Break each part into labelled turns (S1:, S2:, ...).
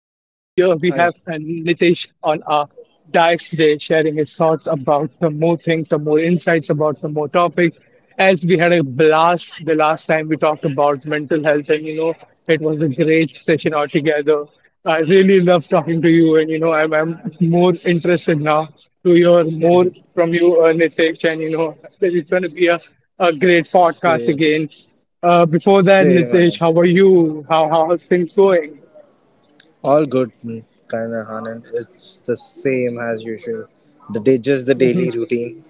S1: Nitesh on our diet today, sharing his thoughts about some more things, some more insights about some more topics. As we had a blast the last time we talked about mental health, and it was a great session altogether. I really love talking to you, and I'm more interested now to hear more from you, Nitesh, and that it's going to be a great podcast
S2: same.
S1: again. Before that,
S2: Same,
S1: Nitesh,
S2: Anand.
S1: how are you? How are things going?
S2: All good, Anand. It's the same as usual. The day, just the
S1: Hmm.
S2: daily routine.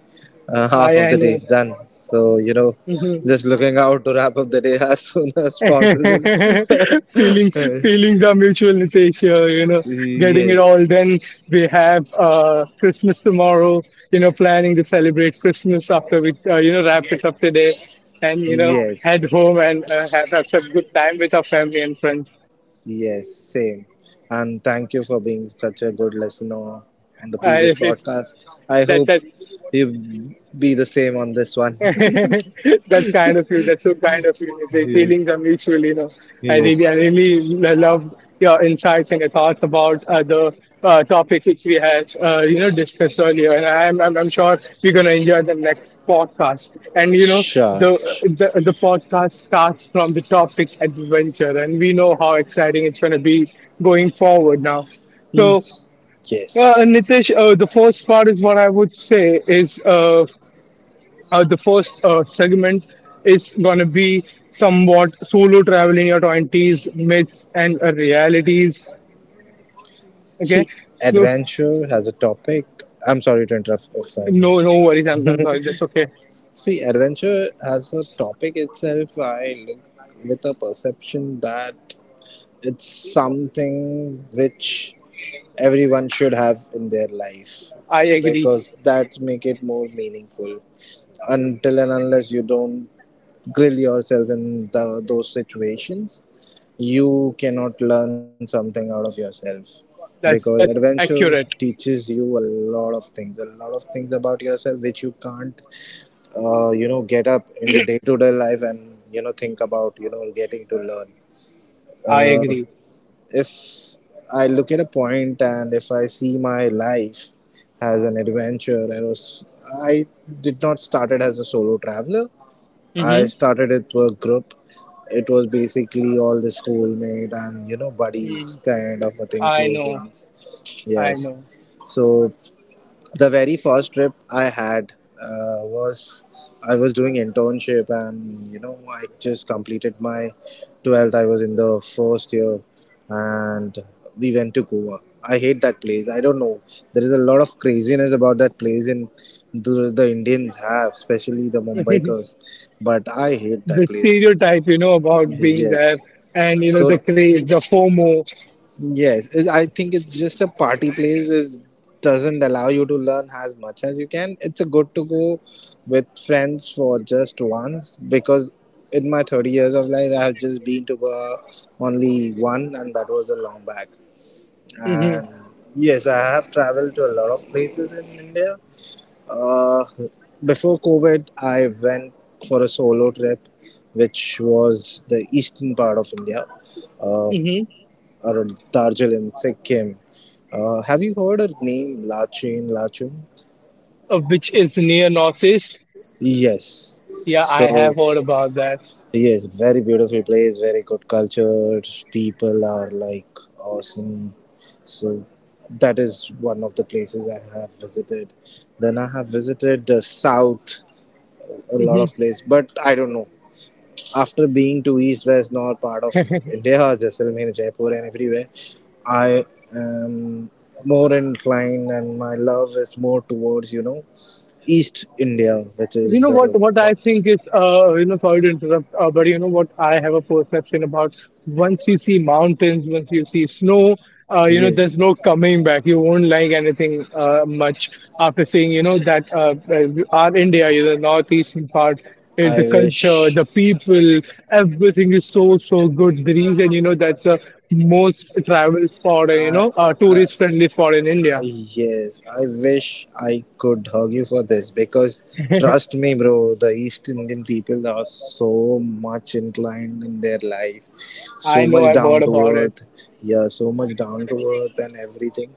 S2: Half
S1: I
S2: of
S1: I
S2: the day
S1: know.
S2: is done. So
S1: Hmm.
S2: just looking out to wrap up the day as soon as possible.
S1: Feeling feeling the mutual Nitesh here, you know, getting it all
S2: yes.
S1: done. We have Christmas tomorrow, planning to celebrate Christmas after we wrap this up today, and head
S2: Yes.
S1: home and have some good time with our family and friends.
S2: Yes. Same. And thank you for being such a good listener on the previous
S1: If
S2: podcast. I
S1: that
S2: hope
S1: that
S2: you be the same on this one.
S1: That's kind of you. That's so kind of you. The feelings are
S2: Yes.
S1: mutual, you know. I really, I
S2: Yes,
S1: really love your insights and your thoughts about the topic which we had, discussed earlier. And I'm sure we're gonna enjoy the next podcast. And you know,
S2: sure.
S1: the
S2: sh-
S1: the podcast starts from the topic adventure, and we know how exciting it's gonna be going forward now. So,
S2: Yes. Yes.
S1: Nitish, the first part is what I would say is. The first segment is going to be somewhat solo travel in your 20s, myths and realities. Okay.
S2: See,
S1: So,
S2: adventure has a topic. I'm sorry to interrupt if I
S1: no,
S2: missed.
S1: no worries. I'm sorry. That's okay.
S2: See, adventure as a topic itself, I look with a perception that it's something which everyone should have in their life,
S1: I agree.
S2: because that make it more meaningful. Until and unless you don't grill yourself in those situations, you cannot learn something out of yourself,
S1: That's,
S2: because
S1: that's
S2: adventure
S1: accurate.
S2: teaches you a lot of things, a lot of things about yourself which you can't get up in day to day life and think about getting to learn.
S1: I
S2: uh,
S1: agree.
S2: if I look at a point and if I see my life as an adventure, I was I did not started as a solo traveler. I
S1: Mm-hmm.
S2: started it with a group. It was basically all the schoolmate and buddies
S1: Mm,
S2: kind of a thing,
S1: I
S2: close
S1: know.
S2: ones.
S1: I
S2: Yes.
S1: know.
S2: So the very first trip I had was I was doing internship, and I just completed my 12th. I was in the first year, and we went to Goa. I hate that place. I don't know. There is a lot of craziness about that place, and the Indians have, especially the
S1: The
S2: Mumbaikars. But I hate that place.
S1: stereotype, about being
S2: Yes.
S1: there, and, you
S2: So
S1: know, the craze, the FOMO.
S2: I think it's just a party place, is doesn't allow you to learn as much as you can. It's a good to go with friends for just once, because in my 30 years of life I have just been to only one, and that was a long back.
S1: Mm-hmm.
S2: And yes, I have traveled to a lot of places in India. Uh, Before COVID, I went for a solo trip which was the eastern part of India. Uh,
S1: Mm-hmm.
S2: or Darjeeling, Sikkim. Have you heard her name, Lachin, Lachun?
S1: Of which is near Northeast.
S2: Yes.
S1: Yeah, I
S2: So,
S1: have heard about that.
S2: yes, very beautiful place, very good culture. People are like awesome. So, that is one of the places I have visited. Then I have visited the south, a lot
S1: Mm-hmm.
S2: of place, but I don't know. After being to east, west, north part of India, Jaisalmer, Jaipur and everywhere, I am more inclined and my love is more towards east India, which
S1: You
S2: is
S1: know
S2: the
S1: what I
S2: month.
S1: think is, sorry to interrupt, but you know what, I have a perception about, once you see mountains, once you see snow, there's
S2: yes
S1: no coming back. You won't like anything much after seeing, that our India, the northeastern part, is
S2: i
S1: the culture,
S2: wish
S1: the people, everything is so so good. The reason, that's the most travel spot,
S2: i
S1: tourist friendly spot, in India.
S2: Yes, I wish I could hug you for this, because trust me, bro, the East Indian people are so much inclined in their life,
S1: I
S2: so
S1: know.
S2: much
S1: I've heard
S2: down to
S1: about it.
S2: earth. Yeah, so much down to earth and everything.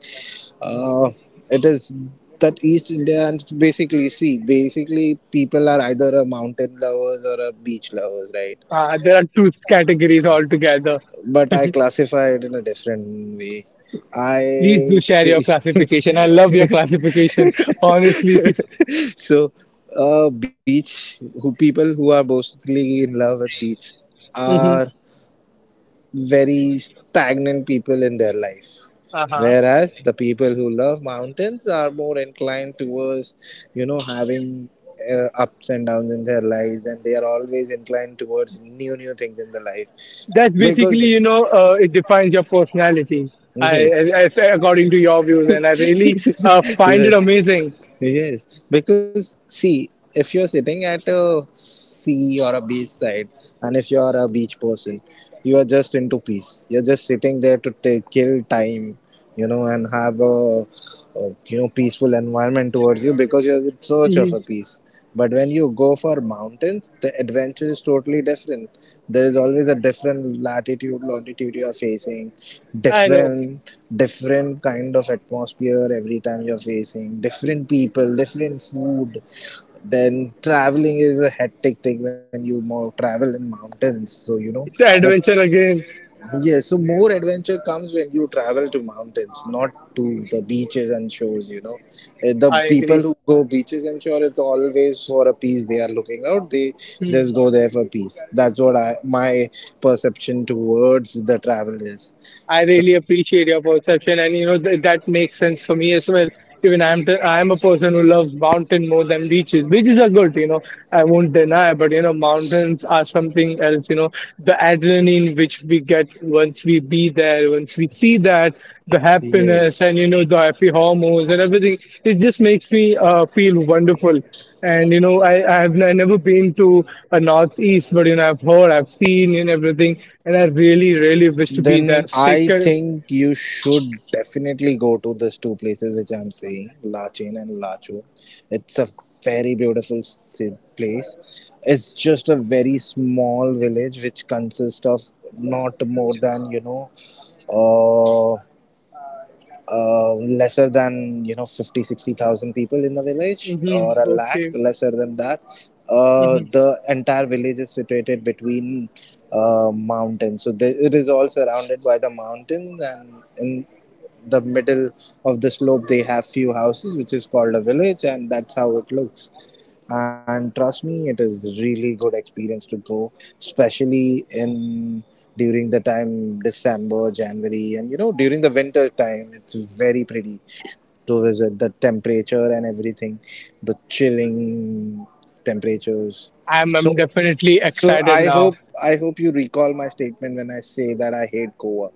S2: Uh, it is that East Indians basically see, basically, people are either a mountain lovers or a beach lovers, right?
S1: There are two categories altogether.
S2: But I classify it in a different way.
S1: Please do
S2: I
S1: share your classification. I love your classification, honestly.
S2: So, beach who people who are mostly in love with beach
S1: Hmm.
S2: are very stagnant people in their life,
S1: Uh-huh.
S2: whereas the people who love mountains are more inclined towards having ups and downs in their lives, and they are always inclined towards new things in the life,
S1: That's basically,
S2: because
S1: you know, uh, it defines your personality. I, I,
S2: yes.
S1: I say according to your views, and I really find it
S2: Yes,
S1: amazing.
S2: yes, because see, if you're sitting at a sea or a beach side, and if you're a beach person, you are just into peace. You're just sitting there to take kill time, and have a peaceful environment towards you, because you're in search
S1: Hmm.
S2: of a peace. But when you go for mountains, the adventure is totally different. There is always a different latitude, longitude you are facing,
S1: I know.
S2: different kind of atmosphere. Every time you're facing different people, different food. Then traveling is a hectic thing when you more travel in mountains, so
S1: It's an
S2: that.
S1: adventure again.
S2: Yes, so more adventure comes when you travel to mountains, not to the beaches and shores, you know. Eh, the
S1: I
S2: people
S1: agree.
S2: who go beaches and shore, it's always for a peace they are looking out. They just go there for peace. That's what I my perception towards the travel is.
S1: I
S2: So,
S1: really appreciate your perception, and that makes sense for me as well. Even I'm a person who loves mountain more than beaches. Beaches are good. I won't deny, but mountains are something else. The adrenaline which we get once we be there, once we see that, the
S2: yes.
S1: happiness, and the happy hormones and everything. It just makes me feel wonderful. And you know, I I've n- never been to a northeast, but I've heard, I've seen, and everything, and I really, really wish to be
S2: Then
S1: there. Sick.
S2: I think you should definitely go to these two places which I'm saying, Lachin and Lachon. It's a very place. It's just a very small village which consists of not more than, uh, lesser than 50, 60,000 people in the village, or
S1: Mm-hmm.
S2: a lakh
S1: Okay.
S2: lesser than that.
S1: Hmm.
S2: The entire village is situated between mountains, so it is all surrounded by the mountains, and in the middle of the slope they have few houses which is called a village, and that's how it looks. And trust me, it is really good experience to go, especially in during the time December, January, and during the winter time it's very pretty to visit. The temperature and everything, the chilling temperatures.
S1: I'm
S2: So,
S1: I'm definitely
S2: so
S1: excited
S2: I
S1: now.
S2: hope, I hope you recall my statement when I say that I hate Goa.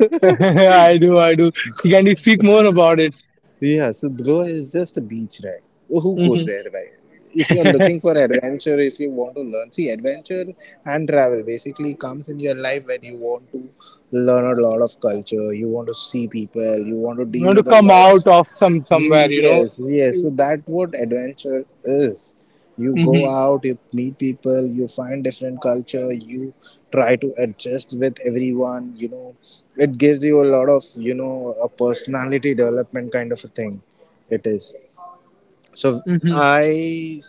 S1: I do, I do. Can you speak more about it?
S2: Yeah, so Goa is just a beach, right? Who goes
S1: Hmm.
S2: there, right? If you're
S1: I
S2: looking for adventure, if you want to learn, see, adventure and travel basically comes in your life when you want to learn a lot of culture, you want to see people, you want to deal
S1: want to
S2: with a
S1: come
S2: lot of.
S1: out of somewhere.
S2: Yes, yes. So
S1: Mhm,
S2: that what adventure is. You go out, you meet people, you find different culture, you try to adjust with everyone, you know. It gives you a lot of, a personality development kind of a thing. It is. So
S1: mhm,
S2: I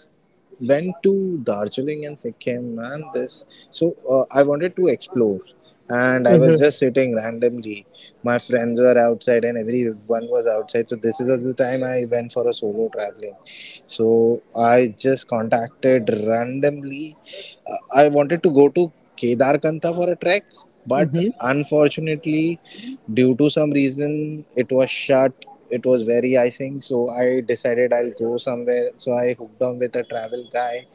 S2: went to Darjeeling and Sikkim and this. So I wanted to explore, and I was
S1: mhm,
S2: just sitting randomly. My friends were outside, and everyone was outside. So this is the time I went for a solo traveling. So I just contacted randomly. I wanted to go to Kedarkantha for a trek, but
S1: mhm,
S2: unfortunately due to some reason, it was shut. It was very icing, so I decided I'll go somewhere. So I hooked on with a travel guy.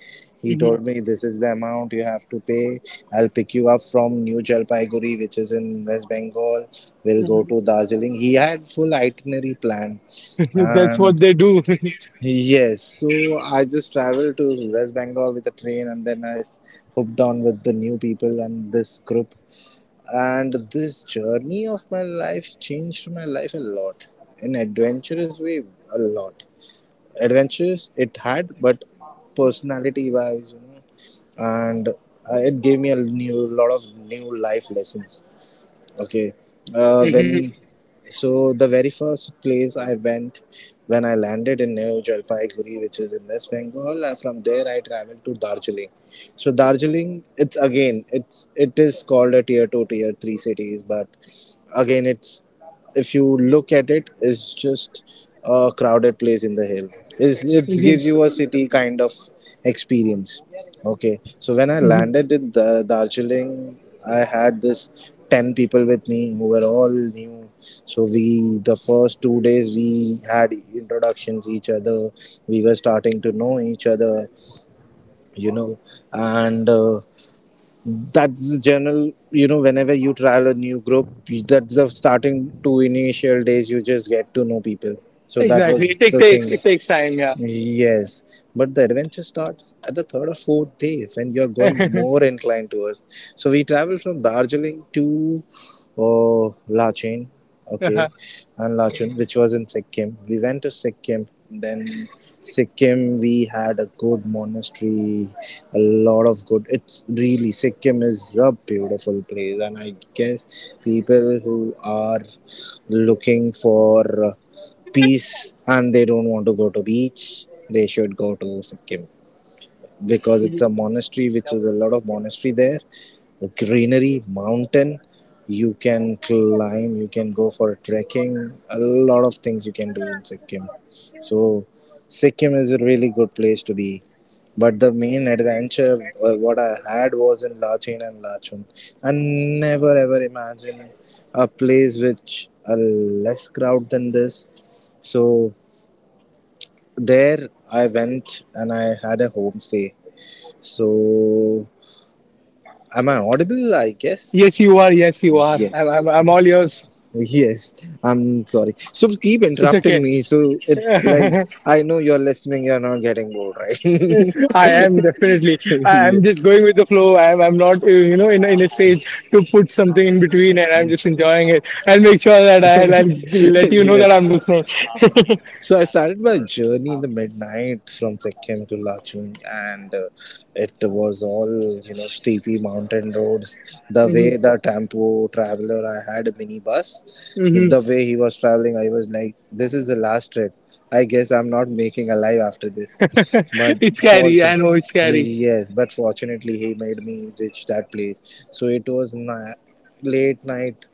S2: He
S1: mhm,
S2: told me this is the amount you have to pay. I'll pick you up from New Jalpaiguri, which is in West Bengal. We'll go
S1: mhm.
S2: to Darjeeling. He had full itinerary planned,
S1: That's what
S2: and
S1: they do.
S2: yes, so I just traveled to West Bengal with a train, and then hooked on with the new people and this group. And this journey of my life changed my life a lot. In adventurous way, a lot adventures it had, but personality wise, you know, and it gave me a new lot of new life lessons. Okay.
S1: Mhm,
S2: When so the very first place I went, when I landed in New Jalpaiguri, which is in West Bengal. From there, I traveled to Darjeeling. So Darjeeling, it's again, it is called a tier two, tier three cities, but again, it's if you look at it, is just a crowded place in the hill. It gives you a
S1: mhm,
S2: city kind of experience. Okay, so when I
S1: mhm.
S2: landed in the Darjeeling, I had this 10 people with me who were all new. So we the first 2 days we had introductions each other. We were starting to know each other, you know, and. That's the general, whenever you trial a new group, that's the starting two initial days you just get to know people, so that
S1: Exactly.
S2: was
S1: It
S2: the
S1: takes
S2: thing.
S1: it takes time, yeah.
S2: Yes, but the adventure starts at the third or fourth day when you're going more inclined towards. So we travel from Darjeeling to Lachin, okay, and Lachun, which was in Sikkim. We went to Sikkim, then Sikkim, we had a good monastery, a lot of good. It's really, Sikkim is a beautiful place, and I guess people who are looking for peace and they don't want to go to beach, they should go to Sikkim, because it's a monastery, which is a lot of monastery there, greenery, mountain. You can climb, you can go for trekking, a lot of things you can do in Sikkim. So Sikkim is a really good place to be. But the main adventure, what I had was in Lachin and Lachun. I never ever imagined a place which a less crowd than this. So there I went and I had a homestay. So, am I audible? I
S1: Yes,
S2: guess.
S1: you are. Yes, you are. I'm, I'm,
S2: Yes.
S1: I'm all yours.
S2: Yes. I'm sorry. So, keep
S1: It's okay.
S2: interrupting me. So, it's like, I know you're listening, you're not getting bored, right?
S1: I am definitely. I am just going
S2: yes.
S1: with the flow. I'm not, in, in a stage to put something in between, and I'm just enjoying it. I'll make sure that I'll let you know that I'm
S2: Yes.
S1: listening.
S2: So I started my journey in the midnight from Sikkim to Lachung, and it was all, you know, steepy mountain roads. The
S1: Hmm.
S2: way the tempo traveler I had, a minibus. If the
S1: Hmm.
S2: way he was traveling, I was like, "This is the last trip. I guess I'm not making alive after this."
S1: It's scary. I know it's scary.
S2: Yes, but fortunately he made me reach that place. So it was late night,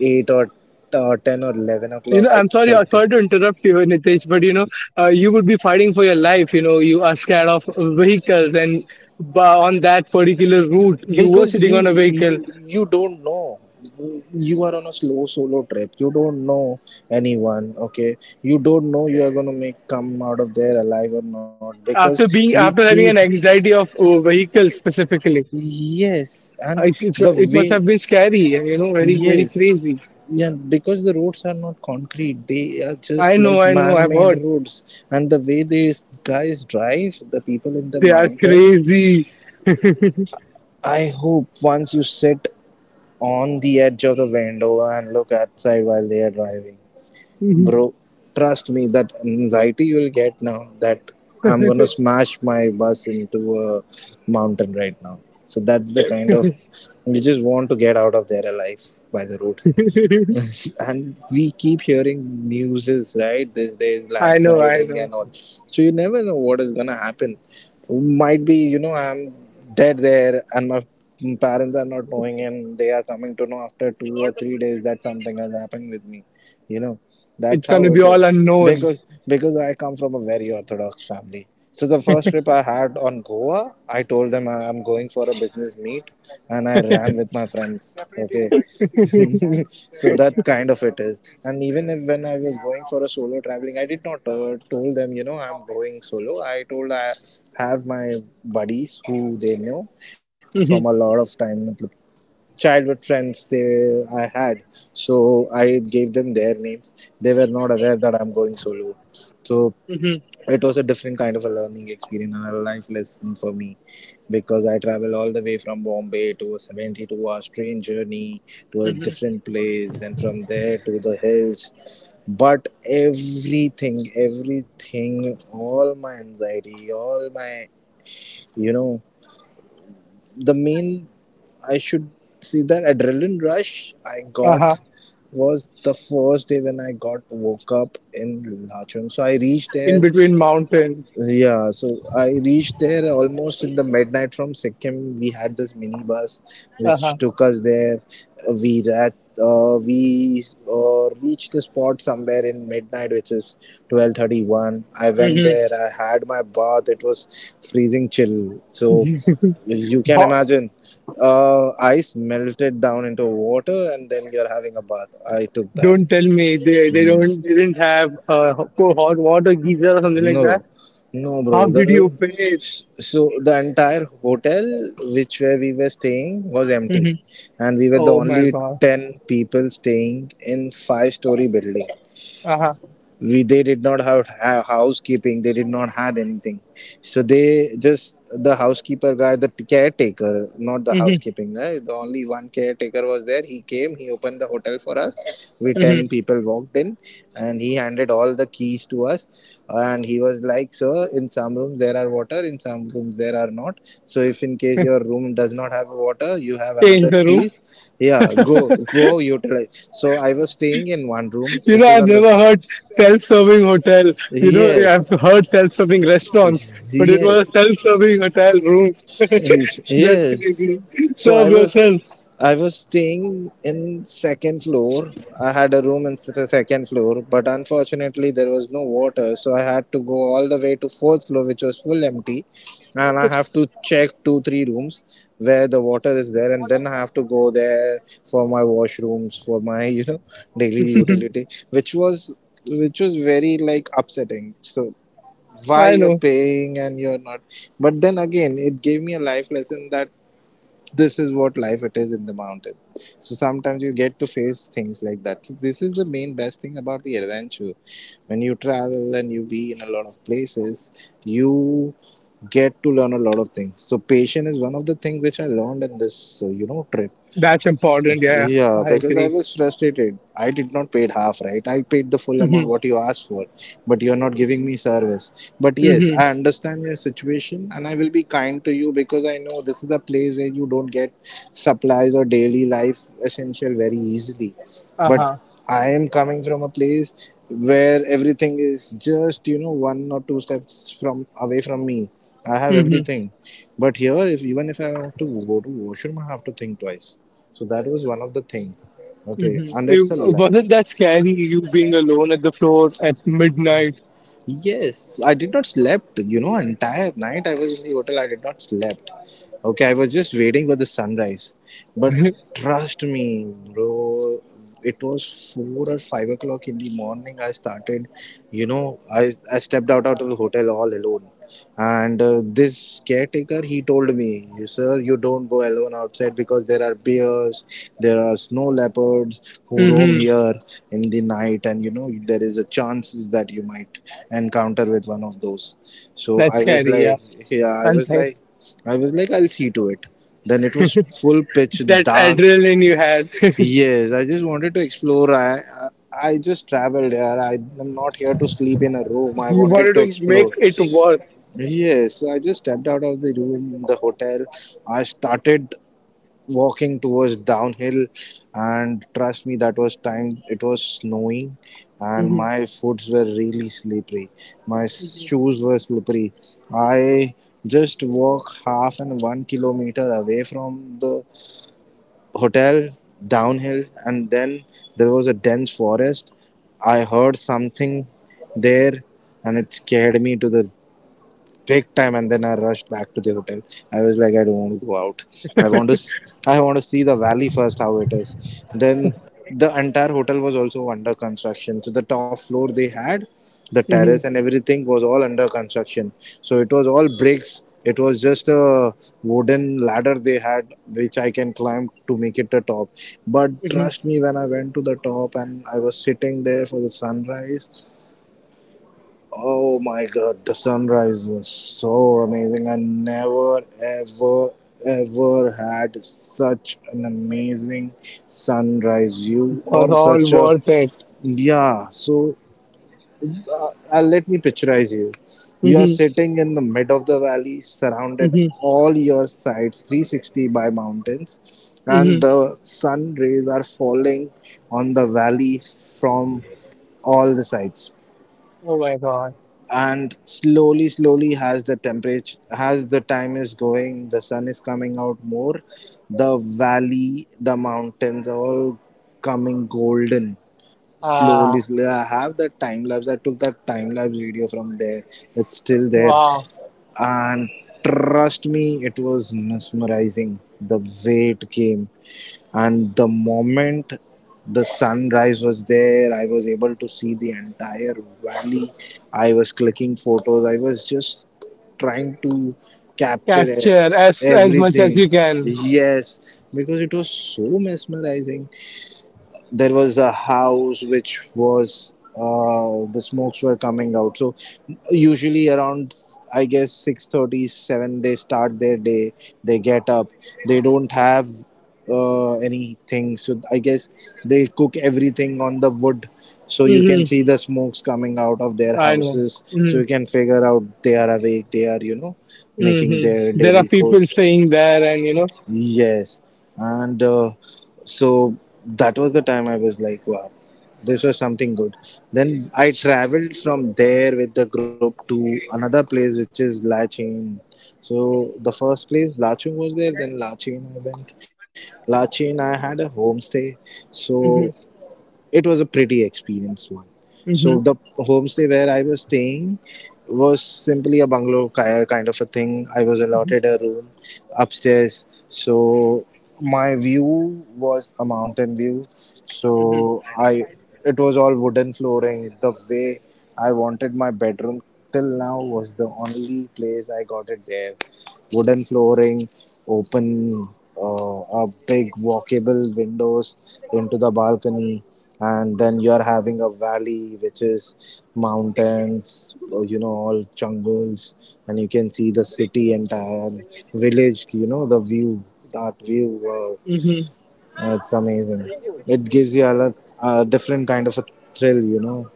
S2: eight or ten or eleven
S1: You
S2: o'clock.
S1: know,
S2: I
S1: I'm sorry, I'm
S2: checked in
S1: sorry to interrupt you, Nitesh, but you would be fighting for your life. You are scared of vehicles, and on that particular route, you were
S2: because
S1: sitting
S2: you
S1: on a
S2: you
S1: vehicle.
S2: you don't know. You are on a slow solo trip, you don't know anyone. Okay. You don't know you are going to make come out of there alive or not because
S1: After
S2: we
S1: being, after
S2: keep.
S1: having an anxiety of vehicles specifically,
S2: Yes. And
S1: I it's,
S2: the
S1: it must
S2: way.
S1: have been scary. And, very, very
S2: Yes,
S1: crazy.
S2: yeah, because the roads are not concrete, they are
S1: I
S2: just
S1: know,
S2: like
S1: I know. I've
S2: man-made
S1: heard
S2: roads, and the way these guys drive, the people in the
S1: they are
S2: mountains.
S1: crazy.
S2: I hope once you sit on the edge of the window and look outside while they are driving. Bro, trust me, that anxiety you will get now, that I'm gonna smash my bus into a mountain right now. So that's the kind of, you just want to get out of there alive by the road. And we keep hearing newses, right, these days
S1: I know, I
S2: landsliding
S1: know.
S2: and all, so you never know what is gonna happen. Might be I'm dead there and my parents are not knowing, and they are coming to know after 2 or 3 days that something has happened with me you know that's
S1: It's
S2: how
S1: gonna be
S2: it
S1: all
S2: is.
S1: unknown.
S2: Because I come from a very orthodox family. So the first trip I had on Goa, I told them I am going for a business meet, and I ran with my friends. Okay. So that kind of it is. And even if when I was going for a solo traveling, I did not told them I'm going solo. I told I have my buddies who they know from a
S1: Uh-huh.
S2: lot of time, childhood friends they I had. So I gave them their names. They were not aware that I'm going solo. So it was a different kind of a learning experience and a life lesson for me, because I travel all the way from Bombay to a 72 hours train journey to a different place, then from there to the hills. But everything, everything, all my anxiety, all my, you know, the main, I should see, that adrenaline rush I got was the first day when I got woke up in Lachung. So I reached there.
S1: In between mountains.
S2: Yeah, so I reached there almost in the midnight from Sikkim. We had this mini bus
S1: Uh-huh.
S2: which took us there. We rat, we reached the spot somewhere in midnight, which is 12:31. I went
S1: Mm-hmm.
S2: there. I had my bath. It was freezing chill. So you can
S1: Ho-
S2: imagine, ice melted down into water, and then you're having a bath. I took that.
S1: don't tell me they
S2: Mhm.
S1: don't they didn't have hot water geyser or something like
S2: No,
S1: that.
S2: no, bro.
S1: How
S2: The
S1: did you bathe?
S2: s- so the entire hotel, which where we were staying, was empty,
S1: Mm-hmm.
S2: and we were the
S1: Oh my
S2: only
S1: God.
S2: ten people staying in five-story building.
S1: Uh-huh.
S2: We they did not have housekeeping, they did not had anything. So they just, the housekeeper guy, the caretaker, not the
S1: Mm-hmm.
S2: housekeeping guy, the only one caretaker was there. He came, he opened the hotel for us. We 10
S1: Mm-hmm.
S2: people walked in, and he handed all the keys to us, and he was like, "Sir, in some rooms there are water, in some rooms there are not. So if in case your room does not have water, you have
S1: Change
S2: another
S1: the room.
S2: keys, yeah, go go utilize." So I was staying in one room
S1: you know,
S2: which is
S1: I've
S2: on the.
S1: never heard self-serving hotel. I've
S2: Yes,
S1: heard self-serving restaurants, but it was a
S2: yes,
S1: self-serving hotel room. That's
S2: yes.
S1: ridiculous.
S2: So
S1: Serve
S2: I was,
S1: yourself.
S2: I was staying in second floor. I had a room in the second floor, but unfortunately there was no water, so I had to go all the way to fourth floor, which was full empty, and I have to check 2-3 rooms where the water is there, and then I have to go there for my washrooms, for my daily utility, which was very, like, upsetting. So why
S1: I
S2: you're
S1: know.
S2: paying and you're not. But then again, it gave me a life lesson that this is what life it is in the mountain. So sometimes you get to face things like that. So this is the main best thing about the adventure, when you travel and you be in a lot of places, you get to learn a lot of things. So patience is one of the things which I learned in this trip.
S1: That's important. Yeah,
S2: Yeah,
S1: I
S2: because I
S1: agree.
S2: was frustrated. I did not paid half, right? I paid the full
S1: Mm-hmm.
S2: amount what you asked for, but you are not giving me service. But yes, I
S1: Mm-hmm.
S2: understand your situation, and I will be kind to you because I know this is a place where you don't get supplies or daily life essential very easily. But
S1: Uh-huh.
S2: I am coming from a place where everything is just, you know, one or two steps from away from me. I have everything. But here, if even if I want to go to washroom, I have to think twice. So that was one of the thing. Okay, and it's a
S1: Hmm. Wasn't that scary, you being alone at the floor at midnight?
S2: yes. I did not slept. You know, entire night I was in the hotel. I did not slept. Okay, I was just waiting for the sunrise. But trust me, bro, it was 4 or 5 o'clock in the morning. I started. You know, I stepped out out of the hotel all alone. And this caretaker, he told me, "Sir, you don't go alone outside because there are bears, there are snow leopards who roam
S1: Hmm.
S2: here in the night, and you know there is a chances that you might encounter with one of those." So
S1: That's
S2: I was
S1: scary, yeah.
S2: like, yeah. I
S1: And
S2: was
S1: sci-
S2: like, I was like, I'll see to it. Then it was full pitch
S1: that
S2: dark.
S1: adrenaline you had,
S2: Yes, I just wanted to explore. I just traveled here. I am not here to sleep in a room. I
S1: you
S2: wanted
S1: wanted
S2: to
S1: to make
S2: explore.
S1: it worth.
S2: Yes, so I just stepped out of the room in the hotel. I started walking towards downhill, and trust me, that was time. It was snowing, and
S1: Hmm.
S2: my foots were really slippery. My shoes were slippery. I just walk half and 1 kilometer away from the hotel downhill, and then there was a dense forest. I heard something there, and it scared me to the big time, and then I rushed back to the hotel. I was like, I don't want to go out. I want to see the valley first, how it is. Then the entire hotel was also under construction, so the top floor, they had the terrace
S1: Hmm.
S2: and everything was all under construction. So it was all bricks. It was just a wooden ladder they had, which I can climb to make it the top. But
S1: Hmm.
S2: trust me, when I went to the top and I was sitting there for the sunrise, oh my god, the sunrise was so amazing. I never, ever, ever had such an amazing sunrise view
S1: Was
S2: or
S1: all
S2: such a.
S1: worth it.
S2: Yeah, so let me picturize you. You are
S1: Hmm.
S2: sitting in the mid of the valley, surrounded
S1: Hmm.
S2: all your sides 360 by mountains, and
S1: Hmm.
S2: the sun rays are falling on the valley from all the sides.
S1: Oh my God.
S2: And slowly, slowly, as the temperature, as the time is going, the sun is coming out more. The valley, the mountains are all coming golden slowly,
S1: Ah,
S2: slowly. I have that time lapse. I took that time lapse video from there. It's still there.
S1: wow.
S2: And trust me, it was mesmerizing, the way it came. And the moment the sunrise was there, I was able to see the entire valley. I was clicking photos. I was just trying to capture
S1: Capture as much as you
S2: everything.
S1: can.
S2: Yes, because it was so mesmerizing. There was a house which was, the smokes were coming out. So usually around, I guess, 6:37 they start their day. They get up. They don't have anything, so I guess they cook everything on the wood. So you can
S1: Hmm.
S2: see the smokes coming out of their
S1: I know.
S2: houses, so
S1: Hmm.
S2: you can figure out they are awake, they are making
S1: Hmm.
S2: their
S1: There are
S2: daily
S1: people
S2: course.
S1: staying there, and you know.
S2: Yes, and so that was the time I was like, wow, this was something good. Then I traveled from there with the group to another place, which is Lachin. So the first place Lachung was there, then Lachin I went. Lachin I had a homestay, so
S1: Hmm.
S2: it was a pretty experience one. So the homestay where I was staying was simply a bungalow kind of a thing. I was allotted a room upstairs, so my view was a mountain view.
S1: Hmm.
S2: So I, it was all wooden flooring. The way I wanted my bedroom till now was the only place I got it there. Wooden flooring, open, a big walkable windows into the balcony, and then you are having a valley which is mountains, you know, all jungles, and you can see the city, entire village, you know, the view, that view, wow,
S1: Mm-hmm.
S2: it's amazing. It gives you a different kind of a thrill, you know.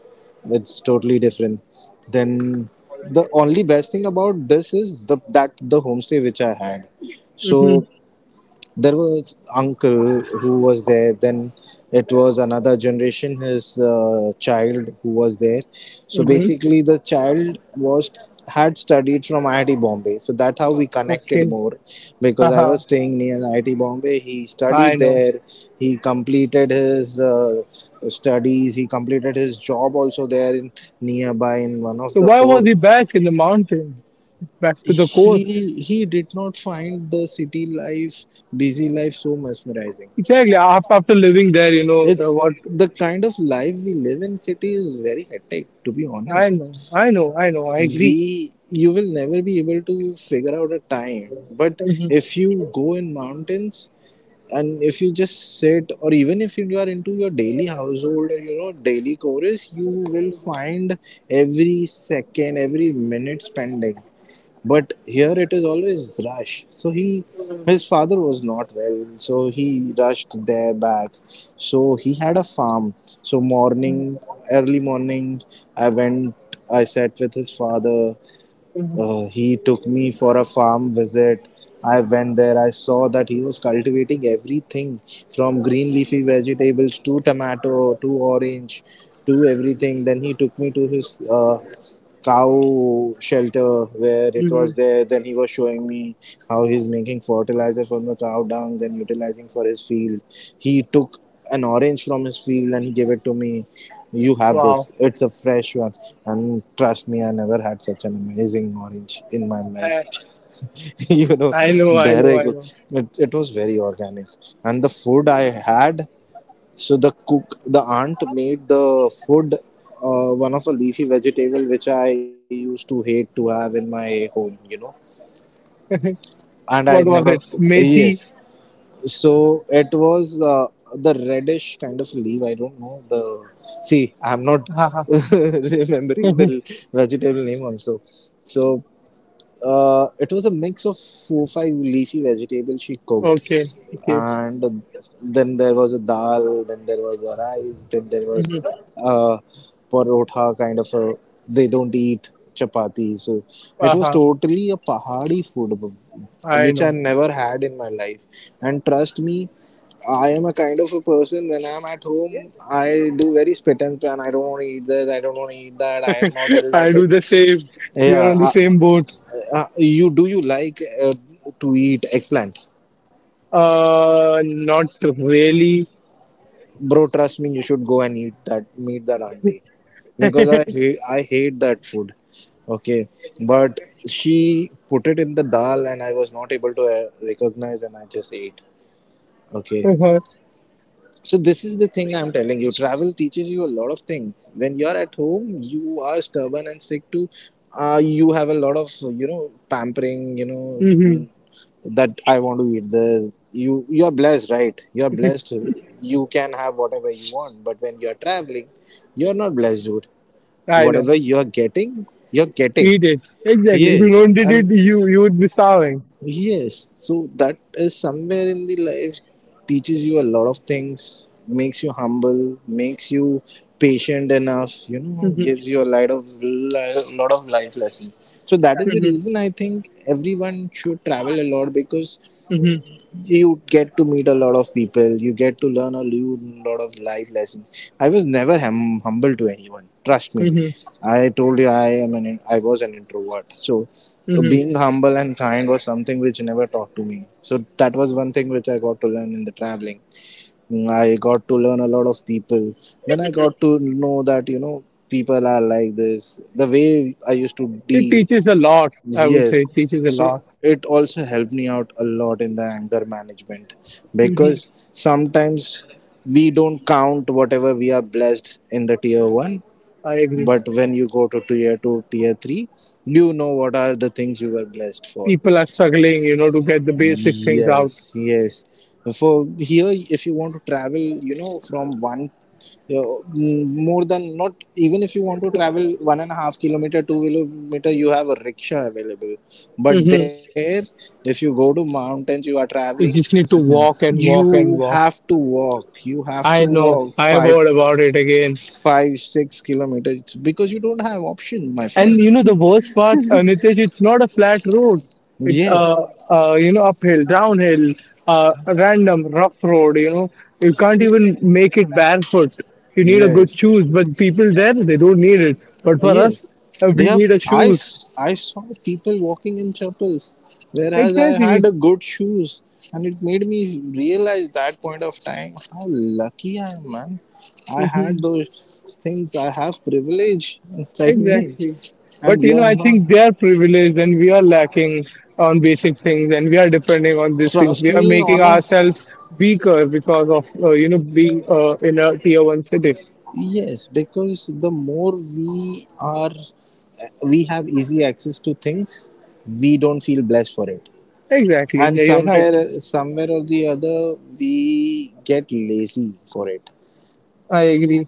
S2: It's totally different then. The only best thing about this is the that the homestay which I had,
S1: Mm-hmm.
S2: so there was uncle who was there, then it was another generation, his child who was there. So
S1: Mm-hmm.
S2: basically the child was had studied from IIT Bombay, so that's how we connected
S1: Okay.
S2: more, because I
S1: Uh-huh.
S2: was staying near IIT Bombay, he
S1: I
S2: studied
S1: know.
S2: there. He completed his studies, he completed his job also there in nearby, in one of
S1: So
S2: the
S1: why was
S2: four.
S1: he back in the mountain, back to the core?
S2: He did not find the city life, busy life, so mesmerizing.
S1: Exactly. After living there,
S2: It's
S1: what?
S2: the kind of life we live in city is very hectic, to be
S1: I
S2: honest.
S1: know. I know. I know. I agree.
S2: We, you will never be able to figure out a time. But if
S1: Mm-hmm.
S2: you go in mountains and if you just sit, or even if you are into your daily household or you know daily chores, you will find every second, every minute spending. But here it is always rush, so he, his father was not well, so he rushed there back. So he had a farm. So morning, early morning, I went, I sat with his father. He took me for a farm visit. I went there, I saw that he was cultivating everything, from green leafy vegetables to tomato to orange to everything. Then he took me to his cow shelter where it
S1: Mm-hmm.
S2: was there. Then he was showing me how he's making fertilizer from the cow dungs and utilizing for his field. He took an orange from his field and he gave it to me. You have
S1: Wow.
S2: this. It's a fresh one. And trust me, I never had such an amazing orange in my life.
S1: I,
S2: You know,
S1: I know. I know.
S2: direct.
S1: I know.
S2: It was very organic. And the food I had, so the cook, the aunt made the food, one of a leafy vegetable which I used to hate to have in my home, you know. And I
S1: What was
S2: never,
S1: it? Methi.
S2: yes. So it was the reddish kind of leaf, I don't know the. See, I'm not
S1: Uh-huh.
S2: remembering the vegetable name also. So it was a mix of four five leafy vegetables she cooked,
S1: Okay. Okay.
S2: and then there was a dal, then there was a rice, then there was
S1: Mm-hmm.
S2: a parotha kind of a. They don't eat chapati, so it was
S1: Uh-huh.
S2: totally a Pahadi food,
S1: I
S2: which I
S1: know.
S2: never had in my life. And trust me, I am a kind of a person, when I'm at home, I do very spit and span. I don't want to eat this, I don't want to eat that, I am not in love
S1: I do the
S2: with.
S1: same. We are on the
S2: Yeah,
S1: same boat.
S2: you do you like uh, to eat eggplant,
S1: Not really.
S2: bro? Trust me, you should go and eat that. Meet that auntie because I hate that food. Okay, but she put it in the dal and I was not able to recognize and I just ate. Okay. So this is the thing I'm telling you. Travel teaches you a lot of things. When you're at home, you are stubborn and strict to. You have a lot of, you know, pampering. You know,
S1: Hmm.
S2: that I want to eat this. You are blessed, right? You are blessed. You can have whatever you want. But when you are traveling, you are not blessed, dude.
S1: I know.
S2: Whatever you are getting, you're getting.
S1: Eat it. Exactly. If you
S2: Yes,
S1: don't eat
S2: and
S1: it, you would be starving.
S2: yes, so that is somewhere in the life teaches you a lot of things, makes you humble, makes you patient enough, you know,
S1: Hmm.
S2: gives you a lot of lot of life lessons. So that is the
S1: Hmm.
S2: reason I think everyone should travel a lot, because
S1: Hmm.
S2: you get to meet a lot of people, you get to learn a lot of life lessons. I was never humble to anyone, trust me.
S1: Hmm.
S2: I told you, I was an introvert, so being
S1: Hmm.
S2: humble and kind was something which never taught to me, so that was one thing which I got to learn in the traveling. I got to learn a lot of people, then I got to know that, you know, people are like this, the way I used to
S1: It
S2: deal.
S1: teaches a lot. I would say
S2: Yes.
S1: it teaches a
S2: So
S1: lot.
S2: it also helped me out a lot in the anger management,
S1: Hmm.
S2: because sometimes we don't count whatever we are blessed in the tier one.
S1: I agree.
S2: But when you go to tier two, tier three, you know what are the things you were blessed for.
S1: People are struggling to get the basic things out.
S2: Yes, yes. For here, if you want to travel, you know, from one, you know, more than not, even if you want to travel 1.5 km, 2 km, you have a rickshaw available. But
S1: Hmm.
S2: there, if you go to mountains, you are traveling,
S1: You just need to walk and walk
S2: you
S1: and walk.
S2: have to walk. You have to
S1: I know.
S2: walk
S1: I have
S2: five,
S1: heard about it again.
S2: five, 6 km, because you don't have option, my
S1: And
S2: friend.
S1: you know the worst part, Nitesh, it's not a flat road. It
S2: Yes,
S1: uphill, downhill, random rough road. You know you can't even make it barefoot. You need a good
S2: yes.
S1: shoes, but people there they don't need it. But for us,
S2: Yes, they
S1: we
S2: have.
S1: need a shoes.
S2: I saw people walking in chapels, whereas I had
S1: Exactly.
S2: a good shoes, and it made me realize that point of time how lucky I am, man. I had those things. I have privilege inside me,
S1: Exactly.
S2: and
S1: But
S2: we
S1: you know,
S2: are
S1: I
S2: not.
S1: think they are privileged and we are lacking on basic things and we are depending on these things.
S2: Trust
S1: We are
S2: me,
S1: making
S2: honor.
S1: ourselves weaker because of being in a tier one city.
S2: Yes, because the more we are, we have easy access to things, we don't feel blessed for it,
S1: Exactly.
S2: and
S1: Yeah, you're right.
S2: somewhere or the other we get lazy for it.
S1: I agree.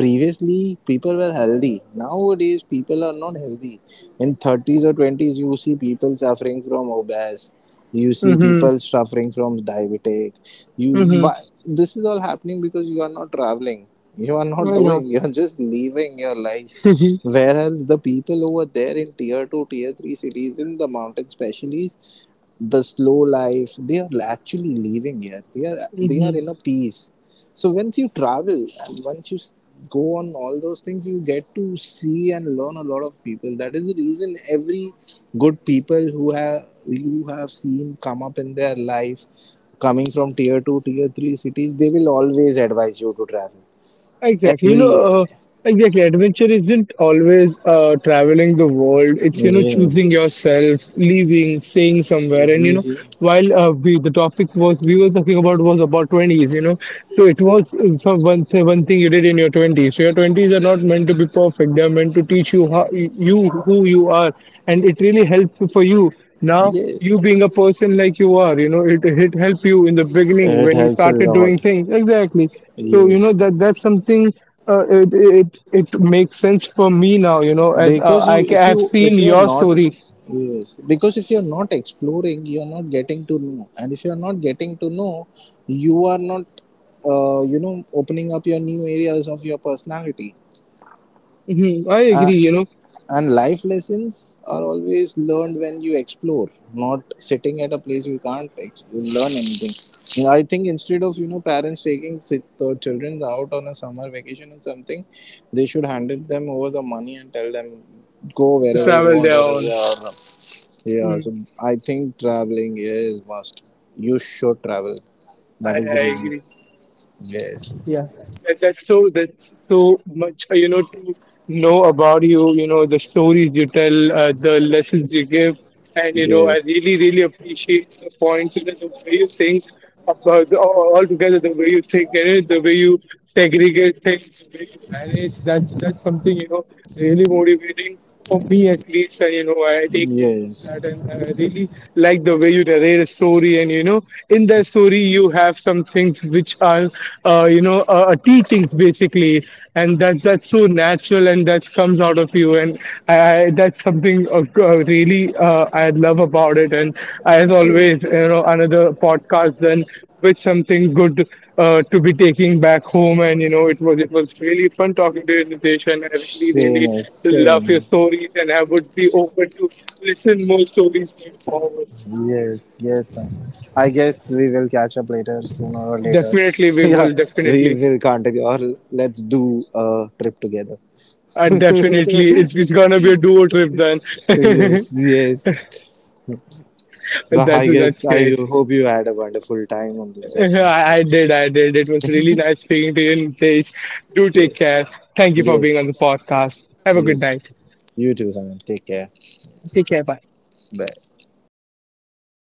S2: Previously people were healthy, nowadays people are not healthy. In 30s or 20s you see people suffering from obese, you see
S1: Mm-hmm.
S2: people suffering from diabetic. You
S1: Mm-hmm.
S2: why, this is all happening because you are not traveling, you are not
S1: I know.
S2: doing, you are just living your life. Whereas the people over there in tier 2 tier 3 cities in the mountain specialties, the slow life they are actually living here, they are
S1: Hmm.
S2: in a peace. So once you travel, and once you go on all those things, you get to see and learn a lot of people. That is the reason every good people who have you have seen come up in their life coming from tier 2 tier 3 cities, they will always advise you to travel
S1: Exactly. You
S2: every year.
S1: know, uh, exactly. Adventure isn't always traveling the world. It's, you know,
S2: Yeah,
S1: choosing yourself, leaving, staying somewhere. And, you know,
S2: yes.
S1: while the topic was we were talking about was about 20s, so it was so say one thing you did in your 20s. So your 20s are not meant to be perfect. They're meant to teach you how you who you are. And it really helps for you now, you
S2: Yes.
S1: being a person like you are, it helped you in the beginning
S2: It
S1: when you
S2: helps a
S1: started doing
S2: lot.
S1: things, exactly. So you know
S2: Yes,
S1: that, that's something, it makes sense for me now. You know, as
S2: because you
S1: I ca-
S2: if
S1: I
S2: you
S1: have seen
S2: if you are
S1: your
S2: not,
S1: story.
S2: yes, because if you are not exploring, you are not getting to know, and if you are not getting to know, you are not you know opening up your new areas of your personality.
S1: Hmm. I
S2: Uh,
S1: agree. You know,
S2: and life lessons are always learned when you explore, not sitting at a place. You can't learn anything. You know, I think instead of, you know, parents taking their children out on a summer vacation or something, they should hand it them over the money and tell them go
S1: to
S2: wherever you
S1: travel
S2: want,
S1: there
S2: or
S1: on.
S2: yeah, or, yeah. So
S1: Mm,
S2: I think traveling is must. You should travel.
S1: I
S2: That is the
S1: I
S2: reason.
S1: agree.
S2: Yes.
S1: Yeah, that's so much to know about you. You know the stories you tell, the lessons you give, and I
S2: Yes.
S1: really really appreciate the points, the way you think about the, all together, the way you think and the way you segregate things, the way you manage. That's something really motivating. For me, at least, I take note of
S2: Yes.
S1: that, and I really like the way you narrate a story. In that story, you have some things which are, teachings basically, and that's so natural, and that comes out of you. And I that's something really I love about it. And as always,
S2: Yes.
S1: you know, another podcast then with something good to be taking back home. And you know, it was really fun talking to you, Nitesh, and I really
S2: Same
S1: really
S2: as
S1: love your
S2: same.
S1: stories, and I would be open to listen more stories going forward.
S2: Yes, yes. I guess we will catch up later, sooner or later.
S1: Definitely, we
S2: Yeah,
S1: will
S2: we
S1: definitely.
S2: will continue, or let's do a trip together.
S1: Definitely, it's gonna be a duo trip then.
S2: Yes, yes. So
S1: that's
S2: I guess
S1: that's
S2: I
S1: great.
S2: hope you had a wonderful time on this session.
S1: I did, I did. It was really nice speaking to you, Nitesh. Do take
S2: Yes,
S1: care. Thank you for being
S2: yes,
S1: on the podcast. Have a good
S2: yes.
S1: night.
S2: You too, Simon. Take care.
S1: Bye.
S2: Bye.